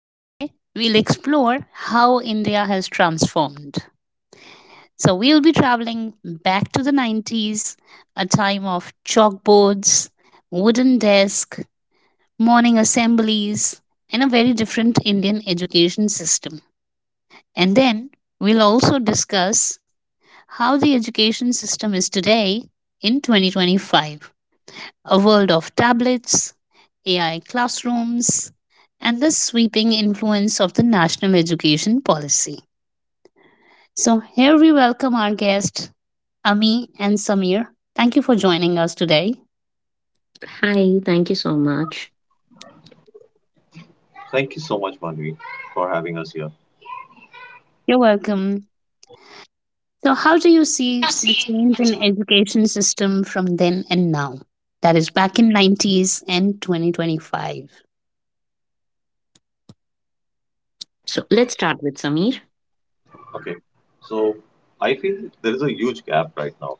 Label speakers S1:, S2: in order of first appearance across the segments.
S1: Today, we'll explore how India has transformed. So, we'll be traveling back to the 90s, a time of chalkboards, wooden desk, morning assemblies, and a very different Indian education system. And then, we'll also discuss how the education system is today in 2025, a world of tablets, AI classrooms, and the sweeping influence of the national education policy. So, here we welcome our guests, Ami and Samir. Thank you for joining us today.
S2: Hi, thank you so much.
S3: Thank you so much, Manvi, for having us here.
S1: You're welcome. So, how do you see the change in education system from then and now? That is back in 90s and 2025.
S2: So let's start with Samir.
S3: Okay, so I feel there is a huge gap right now.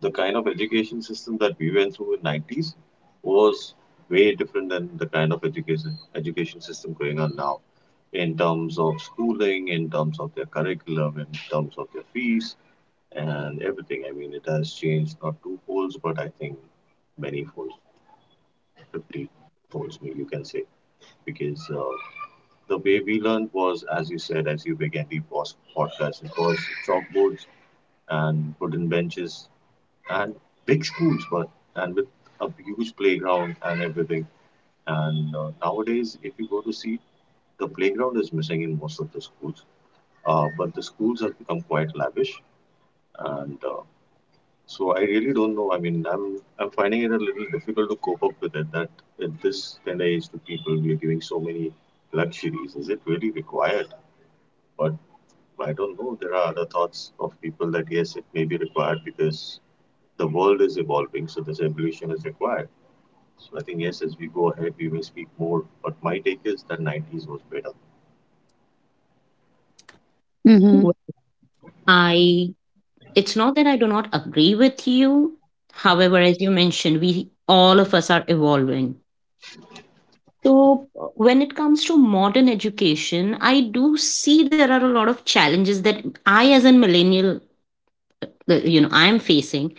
S3: The kind of education system that we went through in 90's was way different than the kind of education system going on now, in terms of schooling, in terms of their curriculum, in terms of their fees, and everything. I mean, it has changed not two folds, but I think many folds, 50 folds, maybe you can say, because the way we learned was, as you said, as you began the podcast. It was chalkboards and wooden benches and big schools, but and with a huge playground and everything. And nowadays, if you go to see, the playground is missing in most of the schools. But the schools have become quite lavish, and so I really don't know. I mean, I'm finding it a little difficult to cope up with it. That at this tender age to people, we are giving so many luxuries. Is it really required? But I don't know. There are other thoughts of people that yes, it may be required because the world is evolving, so this evolution is required. So I think yes, as we go ahead, we may speak more. But my take is that 90's was better.
S1: Mm-hmm.
S2: Wh- I it's not that I do not agree with you. However, as you mentioned, we all of us are evolving. So when it comes to modern education, I do see there are a lot of challenges that I as a millennial, I am facing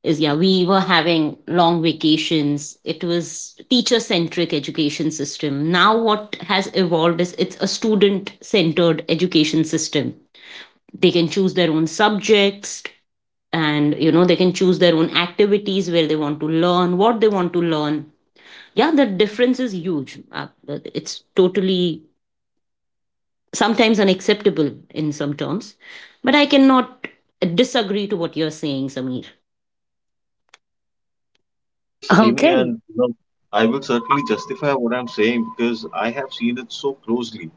S2: is, yeah, we were having long vacations. It was teacher centric education system. Now what has evolved is it's a student centered education system. They can choose their own subjects, and they can choose their own activities where they want to learn what they want to learn. Yeah, the difference is huge. It's totally sometimes unacceptable in some terms, but I cannot disagree to what you're saying, Samir.
S3: Yes, Amy,
S1: Okay.
S3: I will certainly justify what I'm saying because I have seen it so closely.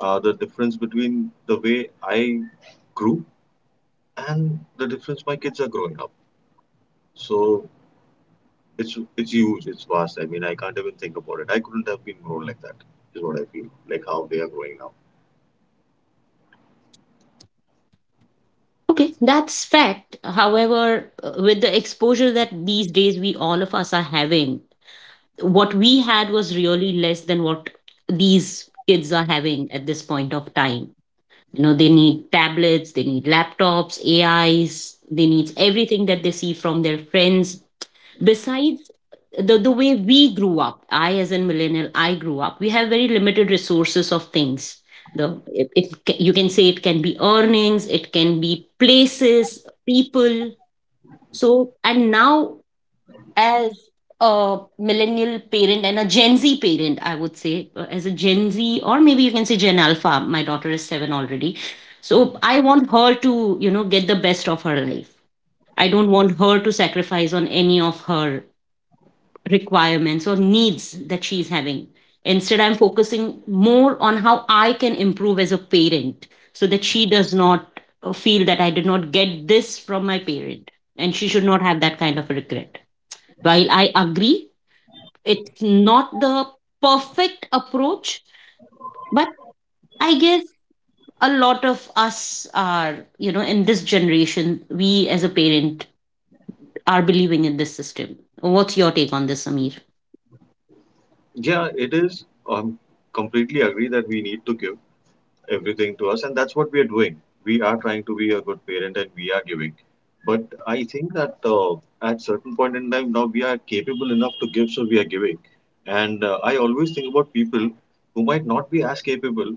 S3: The difference between the way I grew and the difference my kids are growing up. So it's huge. It's vast. I mean, I can't even think about it. I couldn't have been grown like that. Is what I feel. Like how they are growing now.
S2: Okay, that's fact. However, with the exposure that these days we all of us are having, what we had was really less than what these kids are having at this point of time. You know, they need tablets, they need laptops, AIs, they need everything that they see from their friends. Besides the way we grew up, I as a millennial, I grew up, we have very limited resources of things. It, you can say it can be earnings, it can be places, people. So, and now, as a millennial parent and a Gen Z parent, I would say, as a Gen Z, or maybe you can say Gen Alpha, my daughter is 7 already. So I want her to get the best of her life. I don't want her to sacrifice on any of her requirements or needs that she's having. Instead, I'm focusing more on how I can improve as a parent so that she does not feel that I did not get this from my parent, and she should not have that kind of regret. While I agree, it's not the perfect approach, but I guess a lot of us are, in this generation, we as a parent are believing in this system. What's your take on this, Samir?
S3: Yeah, it is. Completely agree that we need to give everything to us, and that's what we are doing. We are trying to be a good parent, and we are giving. But I think that at certain point in time, now we are capable enough to give, so we are giving. And I always think about people who might not be as capable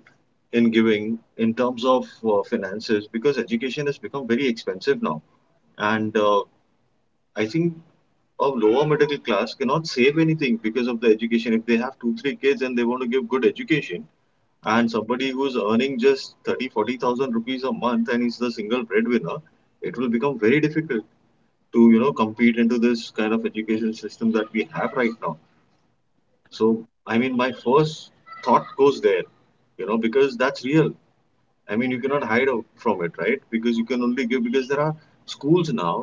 S3: in giving in terms of finances because education has become very expensive now and I think a lower middle class cannot save anything because of the education if they have two three kids and they want to give good education, and somebody who's earning just 30, 40,000 rupees a month and is the single breadwinner, it will become very difficult to compete into this kind of education system that we have right now. So I mean my first thought goes there, because that's real. I mean, you cannot hide out from it, right? Because you can only give because there are schools now,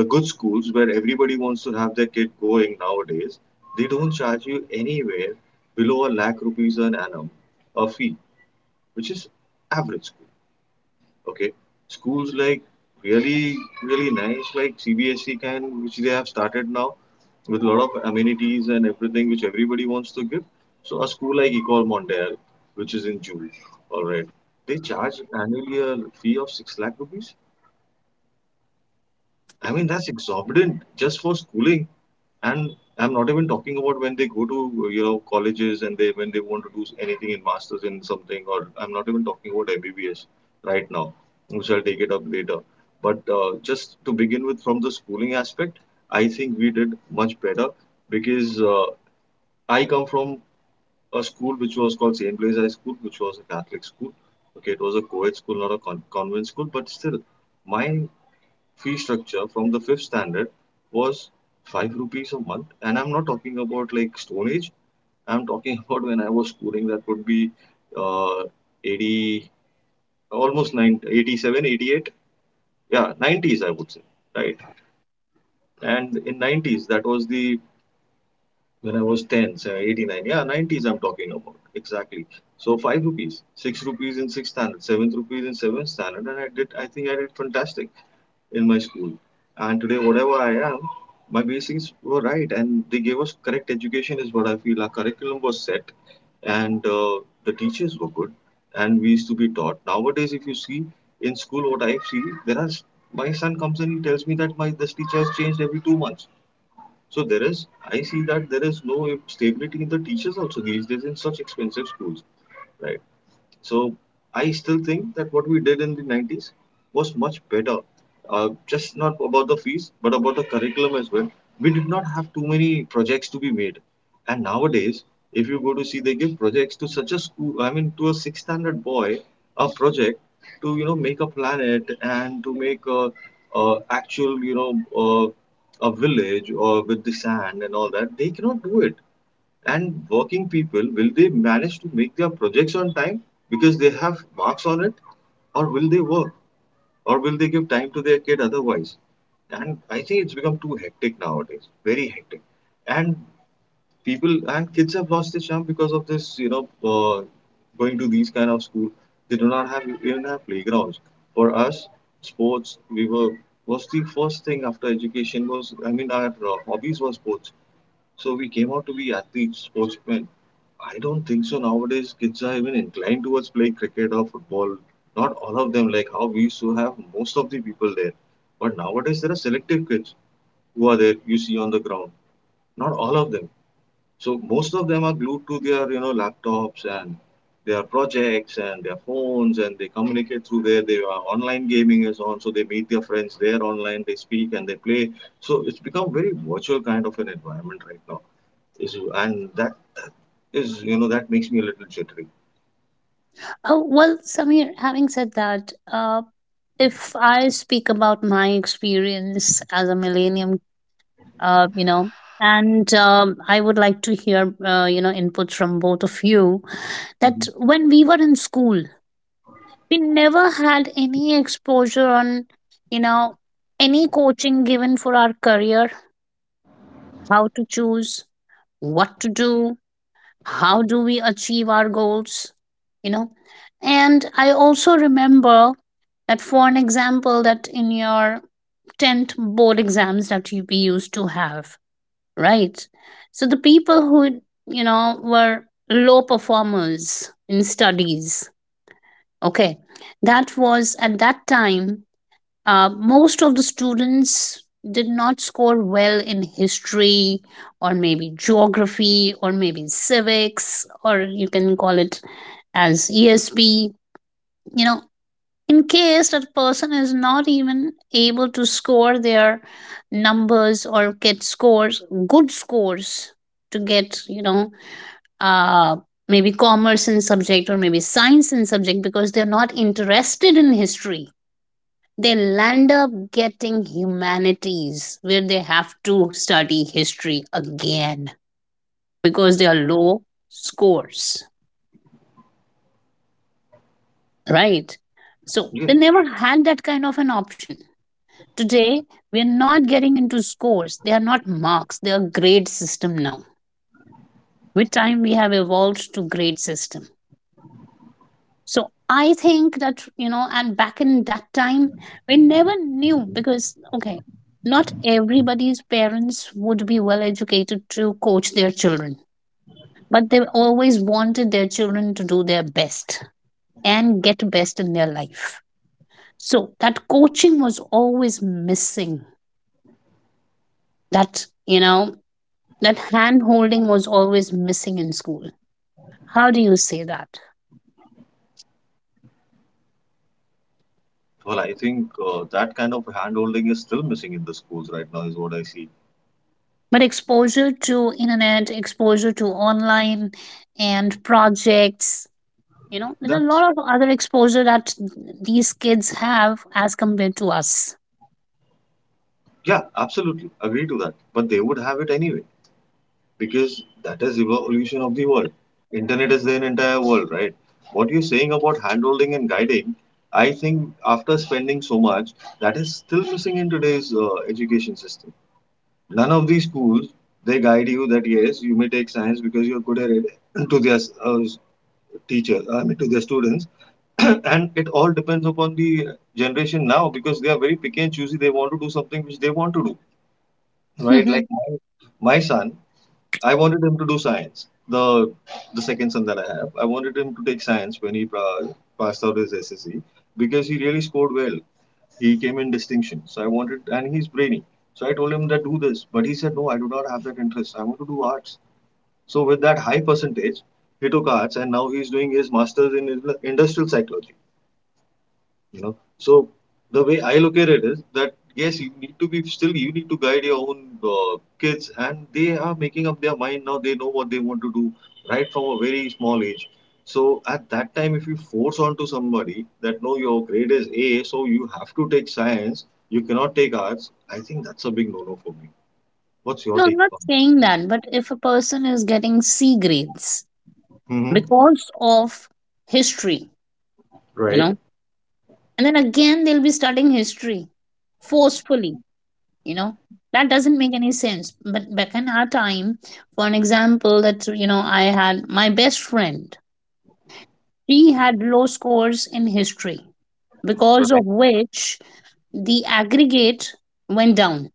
S3: the good schools where everybody wants to have their kid going nowadays, they don't charge you anywhere below a lakh rupees an annum a fee, which is average school. Okay, schools like really really nice like CBSE can, which they have started now with a lot of amenities and everything which everybody wants to give. So a school like Ecole Mondiale, which is in Jewel, all right, they charge annually a fee of 6 lakh rupees. I mean, that's exorbitant just for schooling. And I'm not even talking about when they go to, you know, colleges and they when they want to do anything in masters in something, or I'm not even talking about MBBS right now, which I'll take it up later. But just to begin with, from the schooling aspect, I think we did much better because I come from a school which was called St. Blaise High School, which was a Catholic school. Okay, it was a co-ed school, not a convent school, but still, my fee structure from the fifth standard was 5 rupees a month, and I'm not talking about like Stone Age. I'm talking about when I was schooling, that would be uh, 80, almost 90, 87, 88. Yeah, 90's, I would say, right? And in 90's, that was the when I was 10, so 89, yeah, 90's I'm talking about, exactly. So 5 rupees, 6 rupees in 6th standard, 7th rupees in 7th standard, and I think I did fantastic in my school. And today, whatever I am, my basics were right, and they gave us correct education, is what I feel. Our curriculum was set, and the teachers were good, and we used to be taught. Nowadays, if you see in school, what I see, there are my son comes and he tells me that my this teacher has changed every 2 months. So I see that there is no stability in the teachers also these days in such expensive schools, right? So I still think that what we did in the 90's was much better. Just not about the fees, but about the curriculum as well. We did not have too many projects to be made. And nowadays, if you go to see, they give projects to such a school, I mean, to a sixth standard boy, a project to, make a planet and to make a actual, a village or with the sand and all that. They cannot do it. And working people, will they manage to make their projects on time because they have marks on it? Or will they work? Or will they give time to their kid otherwise? And I think it's become too hectic nowadays, very hectic. And people and kids have lost their charm because of this, going to these kind of school. They do not have, we don't have playgrounds. For us, sports, was the first thing after education was, I mean, our hobbies were sports, so we came out to be athletes, sportsmen. I don't think so nowadays kids are even inclined towards playing cricket or football. Not all of them, like how we used to have most of the people there. But nowadays there are selective kids who are there you see on the ground. Not all of them. So most of them are glued to their laptops and their projects and their phones and they communicate through there. They are Online gaming is on, so they meet their friends there online. They speak and they play. So it's become very virtual kind of an environment right now. Is and That is, that makes me a little jittery.
S1: Oh, well, Samir, having said that, if I speak about my experience as a millennium, you know, and I would like to hear, inputs from both of you that
S3: Mhm.
S1: when we were in school, we never had any exposure on, you know, any coaching given for our career, how to choose, what to do, how do we achieve our goals, you know. And I also remember that, for an example, that in your 10th board exams that you we used to have, right? So the people who, you know, were low performers in studies, okay, that was at that time. Most of the students did not score well in history, or maybe geography, or maybe civics, or you can call it as ESP. You know, in case that person is not even able to score their numbers or get scores, good scores, to get, you know, uh, maybe commerce in subject or maybe science in subject, because they're not interested in history, they land up getting humanities where they have to study history again because they are low scores, right? So
S3: Yes.
S1: they never had that kind of an option. Today, we are not getting into scores. They are not marks. They are grade system now. With time, we have evolved to grade system. So I think that, you know, and back in that time, we never knew because, okay, not everybody's parents would be well educated to coach their children, but they always wanted their children to do their best and get best in their life. So that coaching was always missing. That, you know, that hand holding was always missing in school. How do you say that?
S3: Well, I think that kind of hand holding is still missing in the schools right now, is what I see.
S1: But exposure to internet, exposure to online and projects, you know, there are a lot
S3: That's
S1: of other exposure that these kids have as compared to us.
S3: Yeah, absolutely agree to that. But they would have it anyway because that is evolution of the world. Internet is their entire world, right? What you're saying about handholding and guiding, I think after spending so much, that is still missing in today's education system. None of these schools they guide you that yes you may take science because you're good at it. to their uh, teacher I mean to their students. And it all depends upon the generation now because they are very picky and choosy, they want to do something which they want to do, right?
S1: No,
S3: Like my son, I wanted him to do science. The second son that I have, I wanted him to take science when he passed out his SSC because he really scored well. He came in distinction. And he's brainy. So I told him that do this, but he said no, I do not have that interest. I want to do arts. So with that high percentage, he took arts, and now he's doing his masters in industrial psychology. you know so the way I look at it is that yes, you need to be still you need to guide your own uh, kids, and they are making up their mind now, they know what they want to do right from a very small age. So at that time if you force onto somebody that no your grade is A so you have to take science, you cannot take arts, I think that's a big no-no for me. What's your
S1: I'm
S3: take
S1: not
S3: on
S1: saying
S3: it?
S1: that, but if a person is getting C grades
S3: Mm-hmm.
S1: because of history, you
S3: Right,
S1: know, and then again they'll be studying history forcefully, you know, that doesn't make any sense. But back in our time, for an example, that, you know, I had my best friend. She had low scores in history, because
S3: right.
S1: of which the aggregate went down,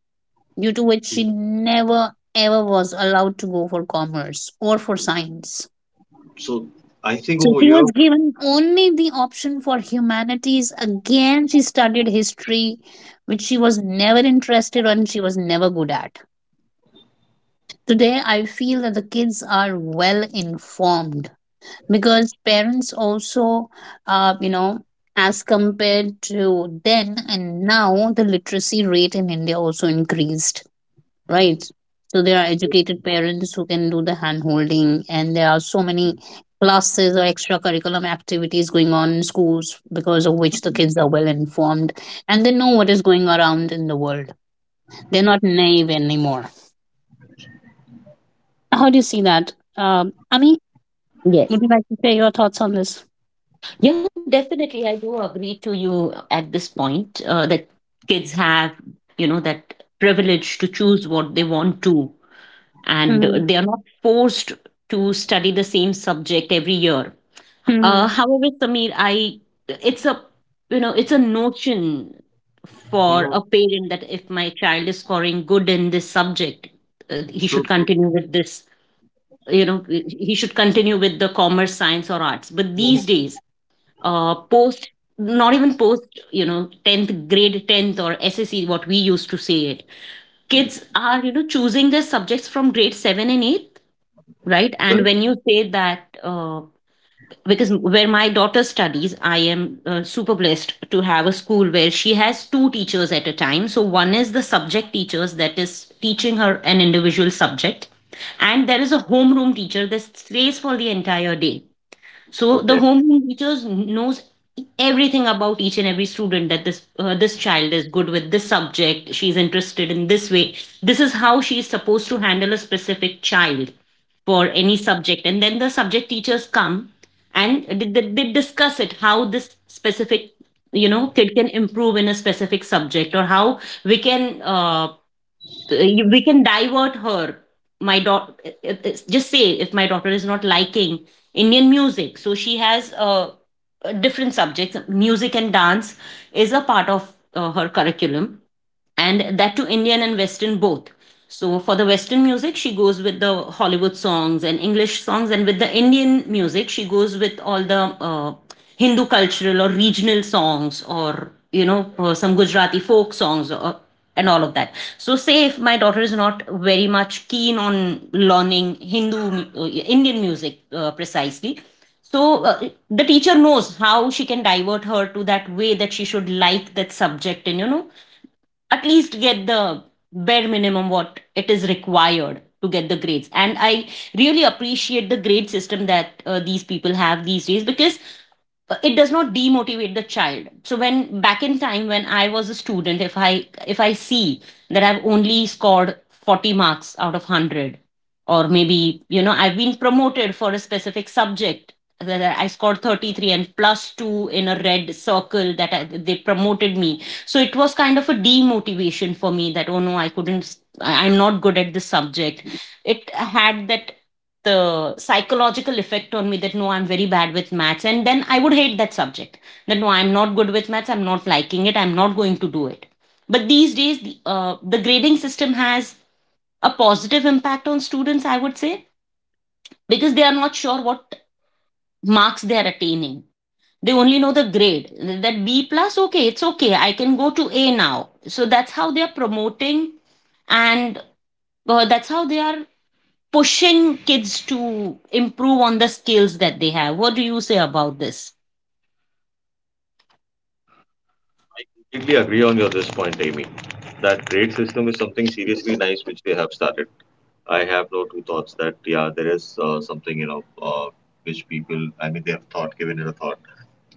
S1: due to which she never ever was allowed to go for commerce or for science.
S3: So I think
S1: So
S3: over
S1: she
S3: here.
S1: was given only the option for humanities. Again, she studied history, which she was never interested in, she was never good at. Today, I feel that the kids are well informed because parents also, you know, as compared to then and now, the literacy rate in India also increased, right? So there are educated parents who can do the hand holding, and there are so many classes or extracurriculum activities going on in schools, because of which the kids are well informed and they know what is going around in the world. They're not naive anymore. How do you see that, Ami? Would
S2: Yes.
S1: you like to share your thoughts on this?
S2: Yeah, definitely. I do agree to you at this point, that kids have, that privilege to choose what they want to, and
S1: Hmm.
S2: they are not forced to study the same subject every year. Uh,
S1: Hmm.
S2: however, Samir, I it's a you know it's a notion for
S3: Hmm.
S2: a parent that if my child is scoring good in this subject, he should
S3: True, true.
S2: continue with this. You know, he should continue with the commerce, science, or arts. But these
S3: Mhm.
S2: days, post, not even post, 10th grade, 10th or SSE, what we used to say it, kids are choosing their subjects from grade 7 and 8. Right. And when you say that, because where my daughter studies, I am super blessed to have a school where she has two teachers at a time. So one is the subject teachers that is teaching her an individual subject, and there is a homeroom teacher that stays for the entire day. So the
S3: Correct.
S2: home teachers knows everything about each and every student, that this child is good with this subject, she's interested in this way. This is how she is supposed to handle a specific child for any subject, and then the subject teachers come and they discuss it, how this specific kid can improve in a specific subject, or how we can uh, we can divert her. My daughter, just say if my daughter is not liking indian music, so she has different subjects. Music and dance is a part of her curriculum, and that to Indian and Western both. So for the Western music, she goes with the Hollywood songs and English songs, and with the Indian music, she goes with all the Hindu cultural or regional songs, or some Gujarati folk songs, or, and all of that. So say if my daughter is not very much keen on learning Hindu Indian music precisely, so the teacher knows how she can divert her to that way, that she should like that subject, and at least get the bare minimum what it is required to get the grades. And I really appreciate the grade system that these people have these days, because it does not demotivate the child. So, when back in time when I was a student, if I see that I've only scored 40 marks out of 100, or maybe I've been promoted for a specific subject, that I scored 33 and plus 2 in a red circle, that they promoted me. So it was kind of a demotivation for me that, oh no, I couldn't, I'm not good at this subject. It had that, the psychological effect on me, that no, I'm very bad with maths, and then I would hate that subject. That no, I'm not good with maths, I'm not liking it, I'm not going to do it. But these days, the grading system has a positive impact on students, I would say, because they are not sure what marks they are attaining. They only know the grade, that B plus, okay, it's okay, I can go to A now. So that's how they are promoting, and that's how they are pushing kids to improve on the skills that they have. What do you say about this?
S3: Completely agree on your this point, Amy. That grade system is something seriously nice which they have started. I have no two thoughts that yeah, there is something you know which people I mean they have thought given it a thought,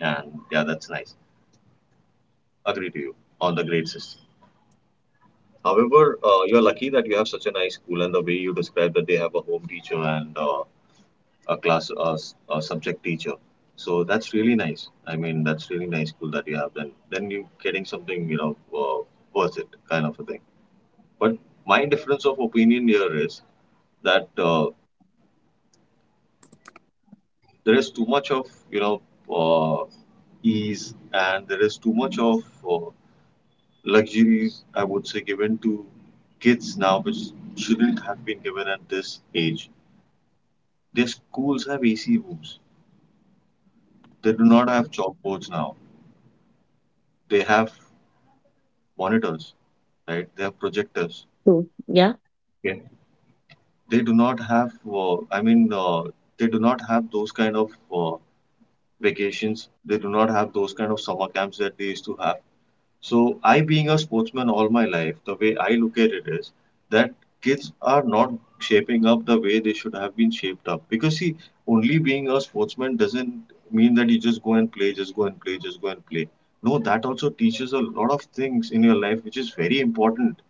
S3: and yeah, that's nice. Agree to you on the grade system. However, you are lucky that you have such a nice school, and the way you describe that they have a home teacher and a class, a subject teacher. So that's really nice. I mean, that's really nice school that you have. Then you getting something worth it kind of a thing. But my difference of opinion here is that there is too much of uh, ease, and there is too much of uh, luxuries, I would say, given to kids now, which shouldn't have been given at this age. Their schools have AC rooms. They do not have chalkboards now. They have monitors, right? They have projectors.
S2: True. Yeah,
S3: Yeah. They do not have. They do not have those kind of vacations. They do not have those kind of summer camps that they used to have. So I, being a sportsman all my life, the way I look at it is that kids are not shaping up the way they should have been shaped up. Because see, only being a sportsman doesn't mean that you just go and play, just go and play, just go and play. No, that also teaches a lot of things in your life, which is very important,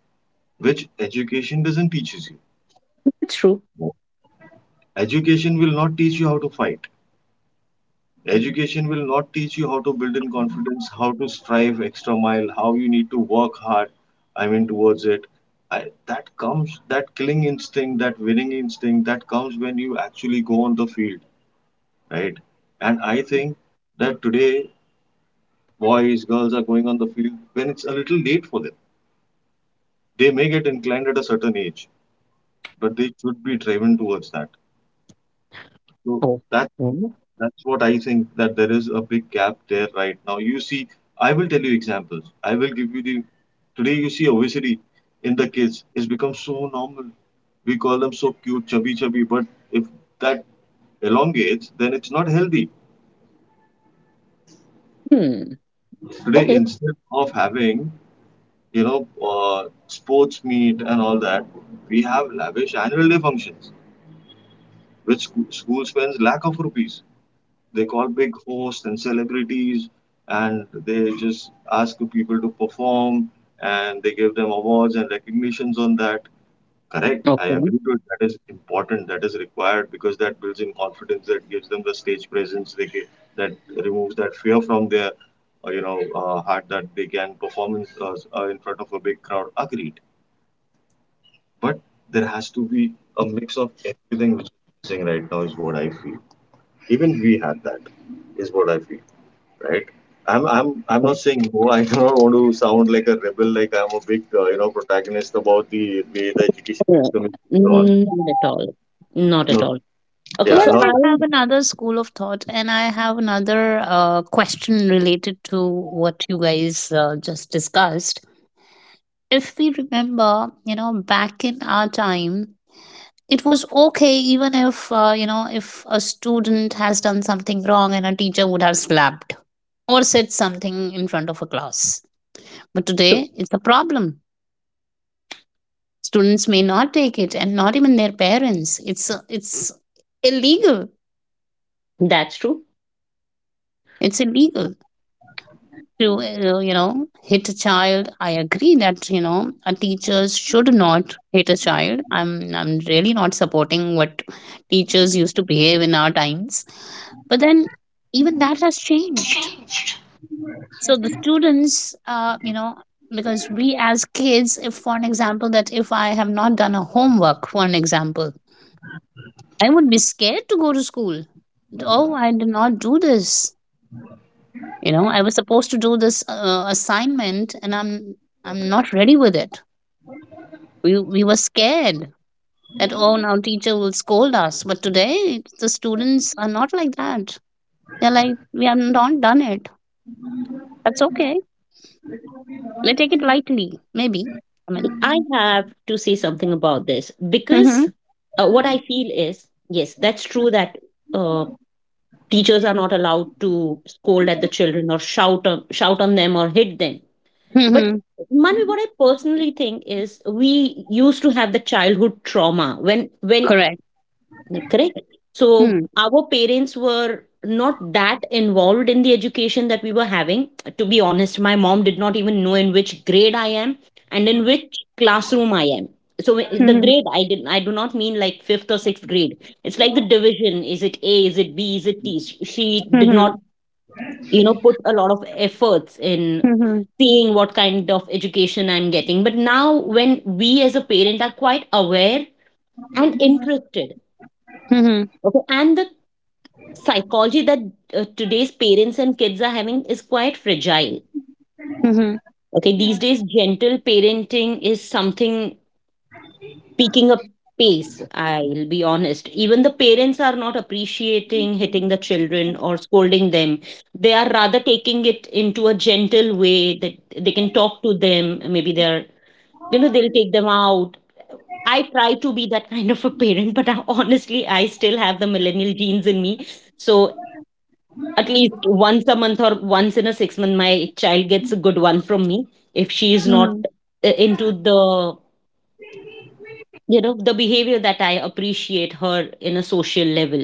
S3: which education doesn't teaches you.
S2: it's true.
S3: Education will not teach you how to fight. Education will not teach you how to build in confidence, how to strive extra mile, how you need to work hard. I mean, towards it. That comes, that killing instinct, that winning instinct, that comes when you actually go on the field, right? And I think that today, boys, girls are going on the field when it's a little late for them. They may get inclined at a certain age, but they should be driven towards that. So
S2: Oh.
S3: that's that's what I think, that there is a big gap there right now. You see, I will tell you examples. I will give you the today you see obesity in the kids. It's become so normal. We call them so cute, chubby, chubby. But if that elongates, then it's not healthy.
S2: Hmm.
S3: Today,
S2: Okay.
S3: instead of having you know sports meet and all that, we have lavish annual day functions, which school spends lakh of rupees. They call big hosts and celebrities, and they just ask people to perform, and they give them awards and recognitions on that. Correct, I
S2: Okay.
S3: agree to it. That is important, that is required, because that builds in confidence, that gives them the stage presence. They get, that removes that fear from their heart, that they can perform in front of a big crowd. Agreed, but there has to be a mix of everything, which is missing right now, is what I feel. Even we had that, is what I feel, right? I'm
S2: Okay.
S3: not saying no. I do not want to sound like a rebel, like I'm a big protagonist about the way the education
S2: No,
S3: system is going on.
S2: not at all. Not at
S3: No,
S2: all. Okay.
S1: Well,
S3: yeah,
S2: So
S3: not
S1: I
S2: I.
S1: have
S3: that.
S1: another school of thought, and I have another question related to what you guys just discussed. If we remember, you know, back in our time, it was okay even if, you know, if a student has done something wrong and a teacher would have slapped or said something in front of a class. But
S2: True.
S1: today, it's a problem. Students may not take it, and not even their parents. It's illegal.
S2: That's true.
S1: It's illegal to, you know, hit a child. I agree that, you know, a teachers should not hit a child. I'm really not supporting what teachers used to behave in our times, but then even that has changed. So the students, you know, because we as kids, if for an example, that if I have not done a homework, for an example, I would be scared to go to school. Oh, I did not do this, you know, I was supposed to do this assignment, and I'm not ready with it. We were scared that, oh, now teacher will scold us. But today the students are not like that. They're like, we have not done it, that's okay. They take it lightly, maybe, I mean.
S2: I have to say something about this,
S1: Hmm
S2: because what I feel is, yes, that's true that uh, teachers are not allowed to scold at the children, or shout on them, or hit them. But
S1: hmm
S2: Manu, what I personally think is, we used to have the childhood trauma, when
S1: correct
S2: correct. So
S1: hmm
S2: our parents were not that involved in the education that we were having. To be honest, my mom did not even know in which grade I am and in which classroom I am. So the
S1: hmm
S2: grade, I do not mean like fifth or sixth grade. It's like the division. Is it A? Is it B? Is it T? She did
S1: hmm
S2: not put a lot of efforts in
S1: hmm hmm
S2: seeing what kind of education I'm getting. But now when we as a parent are quite aware and interested,
S1: hmm
S2: okay, and the psychology that today's parents and kids are having is quite fragile. Okay, these days gentle parenting is something picking up pace, I'll be honest. Even the parents are not appreciating hitting the children or scolding them. They are rather taking it into a gentle way that they can talk to them. Maybe they're, they'll take them out. I try to be that kind of a parent, but I, honestly, I still have the millennial genes in me. So at least once a month, or once in a 6 month, my child gets a good one from me. If she is not
S1: hmm.
S2: into the you know the behavior that I appreciate her in a social level.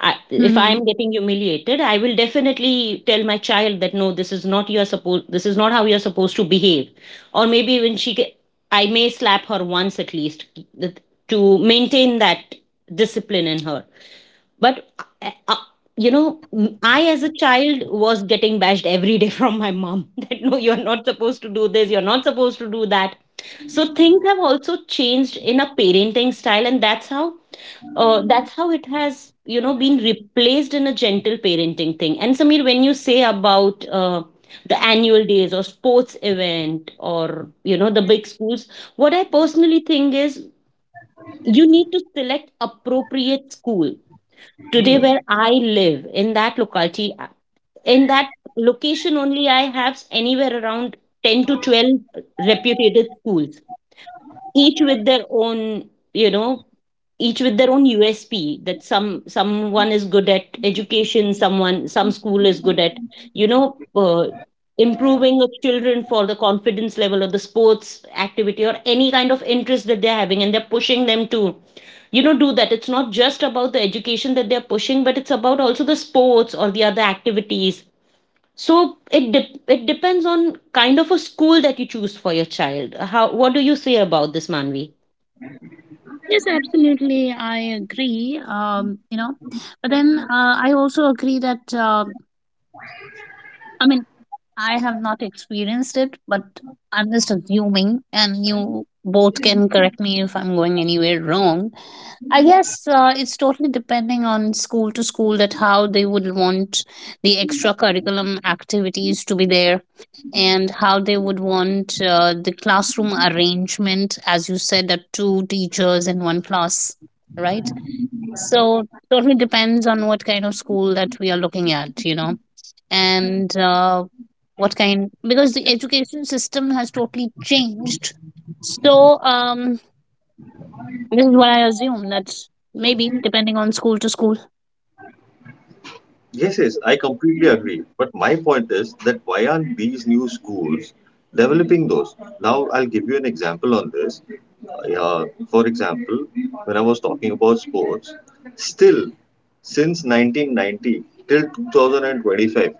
S2: If
S1: Hmm.
S2: I'm getting humiliated, I will definitely tell my child that no, this is not how you're supposed to behave. Or maybe I may slap her once at least, th- to maintain that discipline in her. But uh, uh, you know I as a child was getting bashed every day from my mom that no, you're not supposed to do this, you're not supposed to do that. So things have also changed in a parenting style, and that's how it has been replaced in a gentle parenting thing. And Samir, when you say about, the annual days or sports event, or the big schools, what I personally think is, you need to select appropriate school. Today, where I live, in that locality, in that location only, I have anywhere around 10 to 12 reputed schools, each with their own you know each with their own USP, that someone is good at education, some school is good at you know uh, improving the children for the confidence level, or the sports activity, or any kind of interest that they're having, and they're pushing them to do that. It's not just about the education that they're pushing, but it's about also the sports or the other activities. So it depends on kind of a school that you choose for your child. How what do you say about this, Manvi?
S1: Yes, absolutely, I agree, you know. But then, I also agree that, I mean, I have not experienced it, but I'm just assuming, and you both can correct me if I'm going anywhere wrong. I guess it's totally depending on school to school that how they would want the extra curriculum activities to be there, and how they would want the classroom arrangement, as you said, that two teachers in one class, right? So totally depends on what kind of school that we are looking at, you know. And what kind, because the education system has totally changed. So this is what I assume, that maybe depending on school to school.
S3: Yes, yes, I completely agree. But my point is that why aren't these new schools developing those? Now I'll give you an example on this. Uh, for example, when I was talking about sports, still since 1990 till 2025,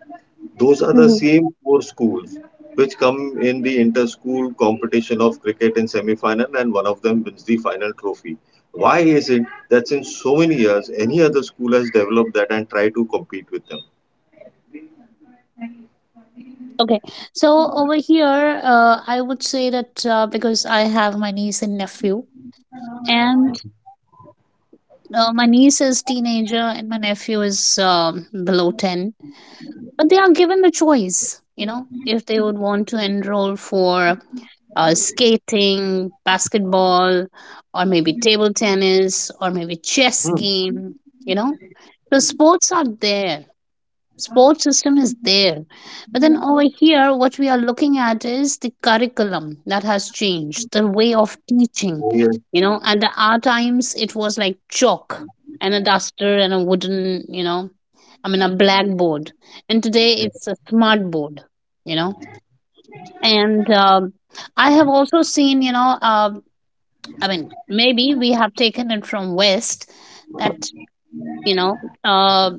S3: those are the
S1: Mhm.
S3: same four schools which come in the inter-school competition of cricket in semi-final, and one of them wins the final trophy. Why is it that since so many years any other school has developed that and try to compete with them?
S1: Okay, so over here, I would say that, because I have my niece and nephew, and my niece is teenager and my nephew is below 10. But they are given the choice, you know, if they would want to enroll for skating, basketball, or maybe table tennis, or maybe chess
S3: Hmm.
S1: game, you know. So sports are there. Sports system is there. But then over here, what we are looking at is the curriculum that has changed, the way of teaching.
S3: Oh, yeah.
S1: You know, at the, our times, it was like chalk and a duster and a wooden, you know, I mean, a blackboard. And today it's a smart board, you know. And I have also seen, you know, I mean, maybe we have taken it from West that, you know, uh,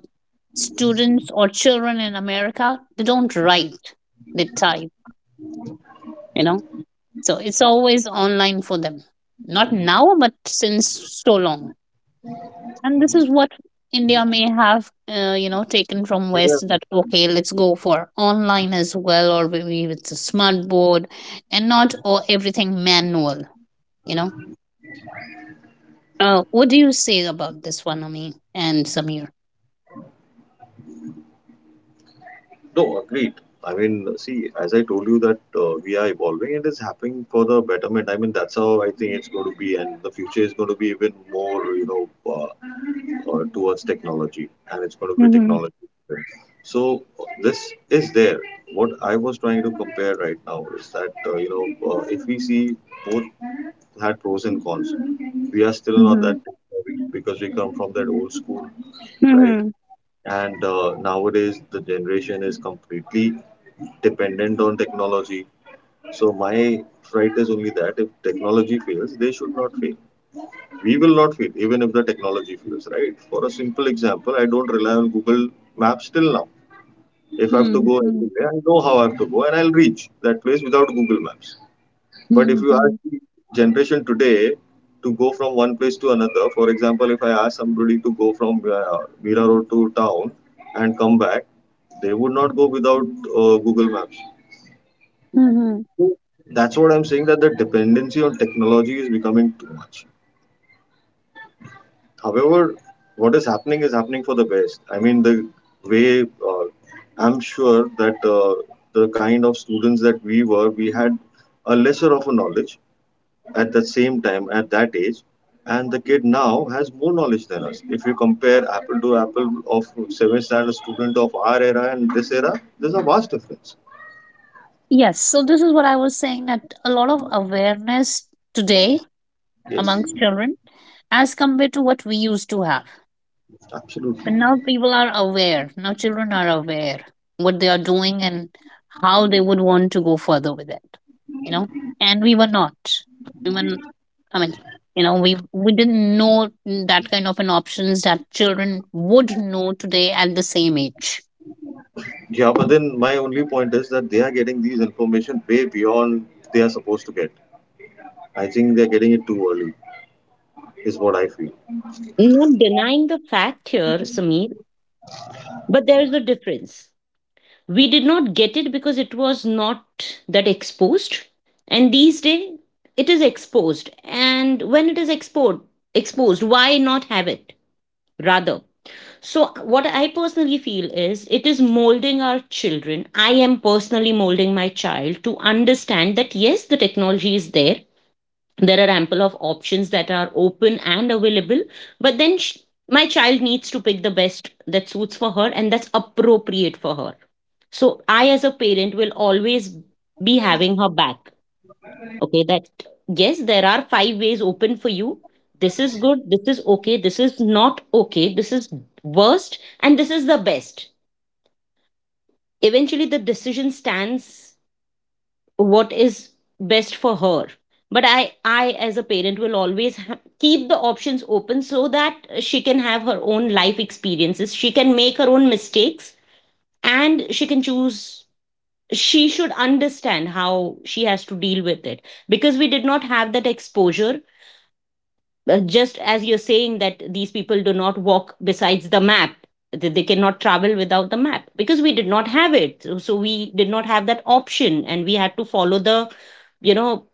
S1: students or children in America, they don't write, they type, you know. So it's always online for them. Not now, but since so long. And this is what India may have, you know, taken from West that, okay, let's go for online as well, or maybe it's a smart board and not or everything manual, you know. What do you say about this one, Ami and Samir?
S3: No, agreed. I mean, see, as I told you that we are evolving, it is happening for the betterment. I mean, that's how I think it's going to be, and the future is going to be even more, you know, towards technology, and it's going to be
S1: Mm-hmm.
S3: technology. So this is there. What I was trying to compare right now is that if we see, both had pros and cons. We are still not
S1: Mm-hmm.
S3: that tech savvy, because we come from that old school, right?
S1: Mm-hmm.
S3: And nowadays the generation is completely dependent on technology. So my fright is only that if technology fails, they should not fail. We will not fail even if the technology fails, right? For a simple example, I don't rely on Google Maps till now. If I have to go
S1: Mm-hmm.
S3: anywhere, I know how I have to go, and I'll reach that place without Google Maps. But if you ask
S1: Mm-hmm.
S3: the generation today to go from one place to another, for example, if I ask somebody to go from Mira Road to town and come back, they would not go without Google Maps.
S1: Mm-hmm.
S3: So that's what I'm saying, that the dependency on technology is becoming too much. However, what is happening for the best. I mean, the way I'm sure that the kind of students that we were, we had a lesser of a knowledge at the same time at that age, and the kid now has more knowledge than us. If you compare apple to apple of seventh standard student of our era and this era, there's a vast difference.
S1: Yes, so this is what I was saying, that a lot of awareness today
S3: Yes,
S1: amongst children as compared to what we used to have. But
S3: absolutely.
S1: now people are aware, now children are aware what they are doing and how they would want to go further with it, you know. And we were not. We were, I mean, you know, we didn't know that kind of an options that children would know today at the same age.
S3: Yeah, but then my only point is that they are getting these information way beyond they are supposed to get. I think they're getting it too early, is what I feel.
S2: Not denying the fact here, Sameer, but there is a difference. We did not get it because it was not that exposed. And these days, it is exposed. And when it is exposed, why not have it? Rather. So what I personally feel is, it is molding our children. I am personally molding my child to understand that yes, the technology is there. There are ample of options that are open and available. But then, my child needs to pick the best that suits for her and that's appropriate for her. So I as a parent will always be having her back, okay, that yes, there are five ways open for you. This is good, this is okay, this is not okay, this is worst, and this is the best. Eventually the decision stands, what is best for her. But I as a parent will always keep the options open, so that she can have her own life experiences, she can make her own mistakes, and she can choose. She should understand how she has to deal with it, because we did not have that exposure. Just as you're saying that these people do not walk besides the map, that they cannot travel without the map, because we did not have it. So we did not have that option, and we had to follow the you know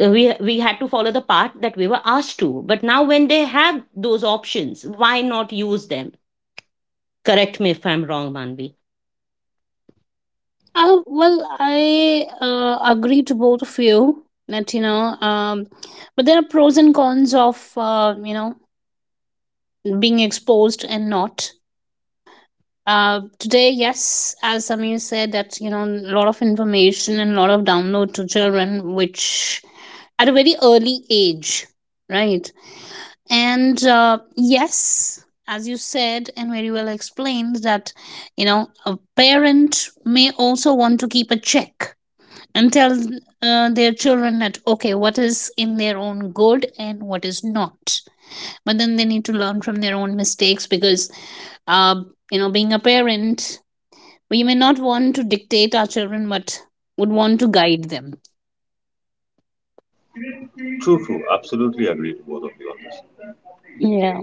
S2: we had to follow the path that we were asked to. But now when they have those options, why not use them? Correct me if I'm wrong, Manvi.
S1: Well, I agree to both of you that, you know, but there are pros and cons of, you know, being exposed and not. Today, yes, as Samir said, that, you know, a lot of information and a lot of download to children, which at a very early age, right? And yes, as you said and very well explained, that, you know, a parent may also want to keep a check and tell their children that, okay, what is in their own good and what is not. But then they need to learn from their own mistakes because, uh, you know, being a parent, we may not want to dictate our children but would want to guide them.
S3: True, true. Absolutely agree to both of you on this.
S1: Yeah,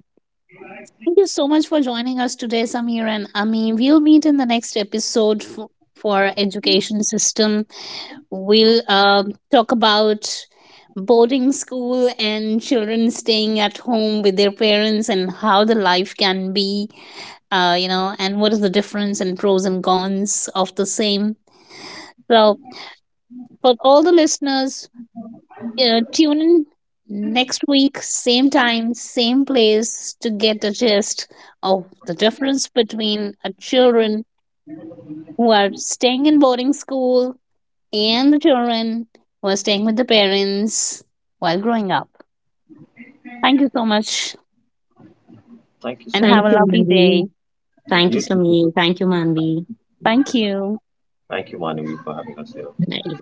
S1: thank you so much for joining us today, Samir and Ami. We'll meet in the next episode for education system. We'll talk about boarding school and children staying at home with their parents and how the life can be, you know, and what is the difference and pros and cons of the same. So for all the listeners, tune in next week, same time, same place, to get a gist of the difference between a children who are staying in boarding school and the children who are staying with the parents while growing up. Thank you so much,
S3: Thank you
S1: and
S3: so
S2: Thank
S1: have a
S2: you,
S3: much.
S1: lovely
S2: Manvi.
S1: day.
S2: Thank you,
S3: You too.
S2: Samir. Thank you, Manvi.
S1: Thank you.
S3: Thank you, Manavi, for having us here.
S2: Bye.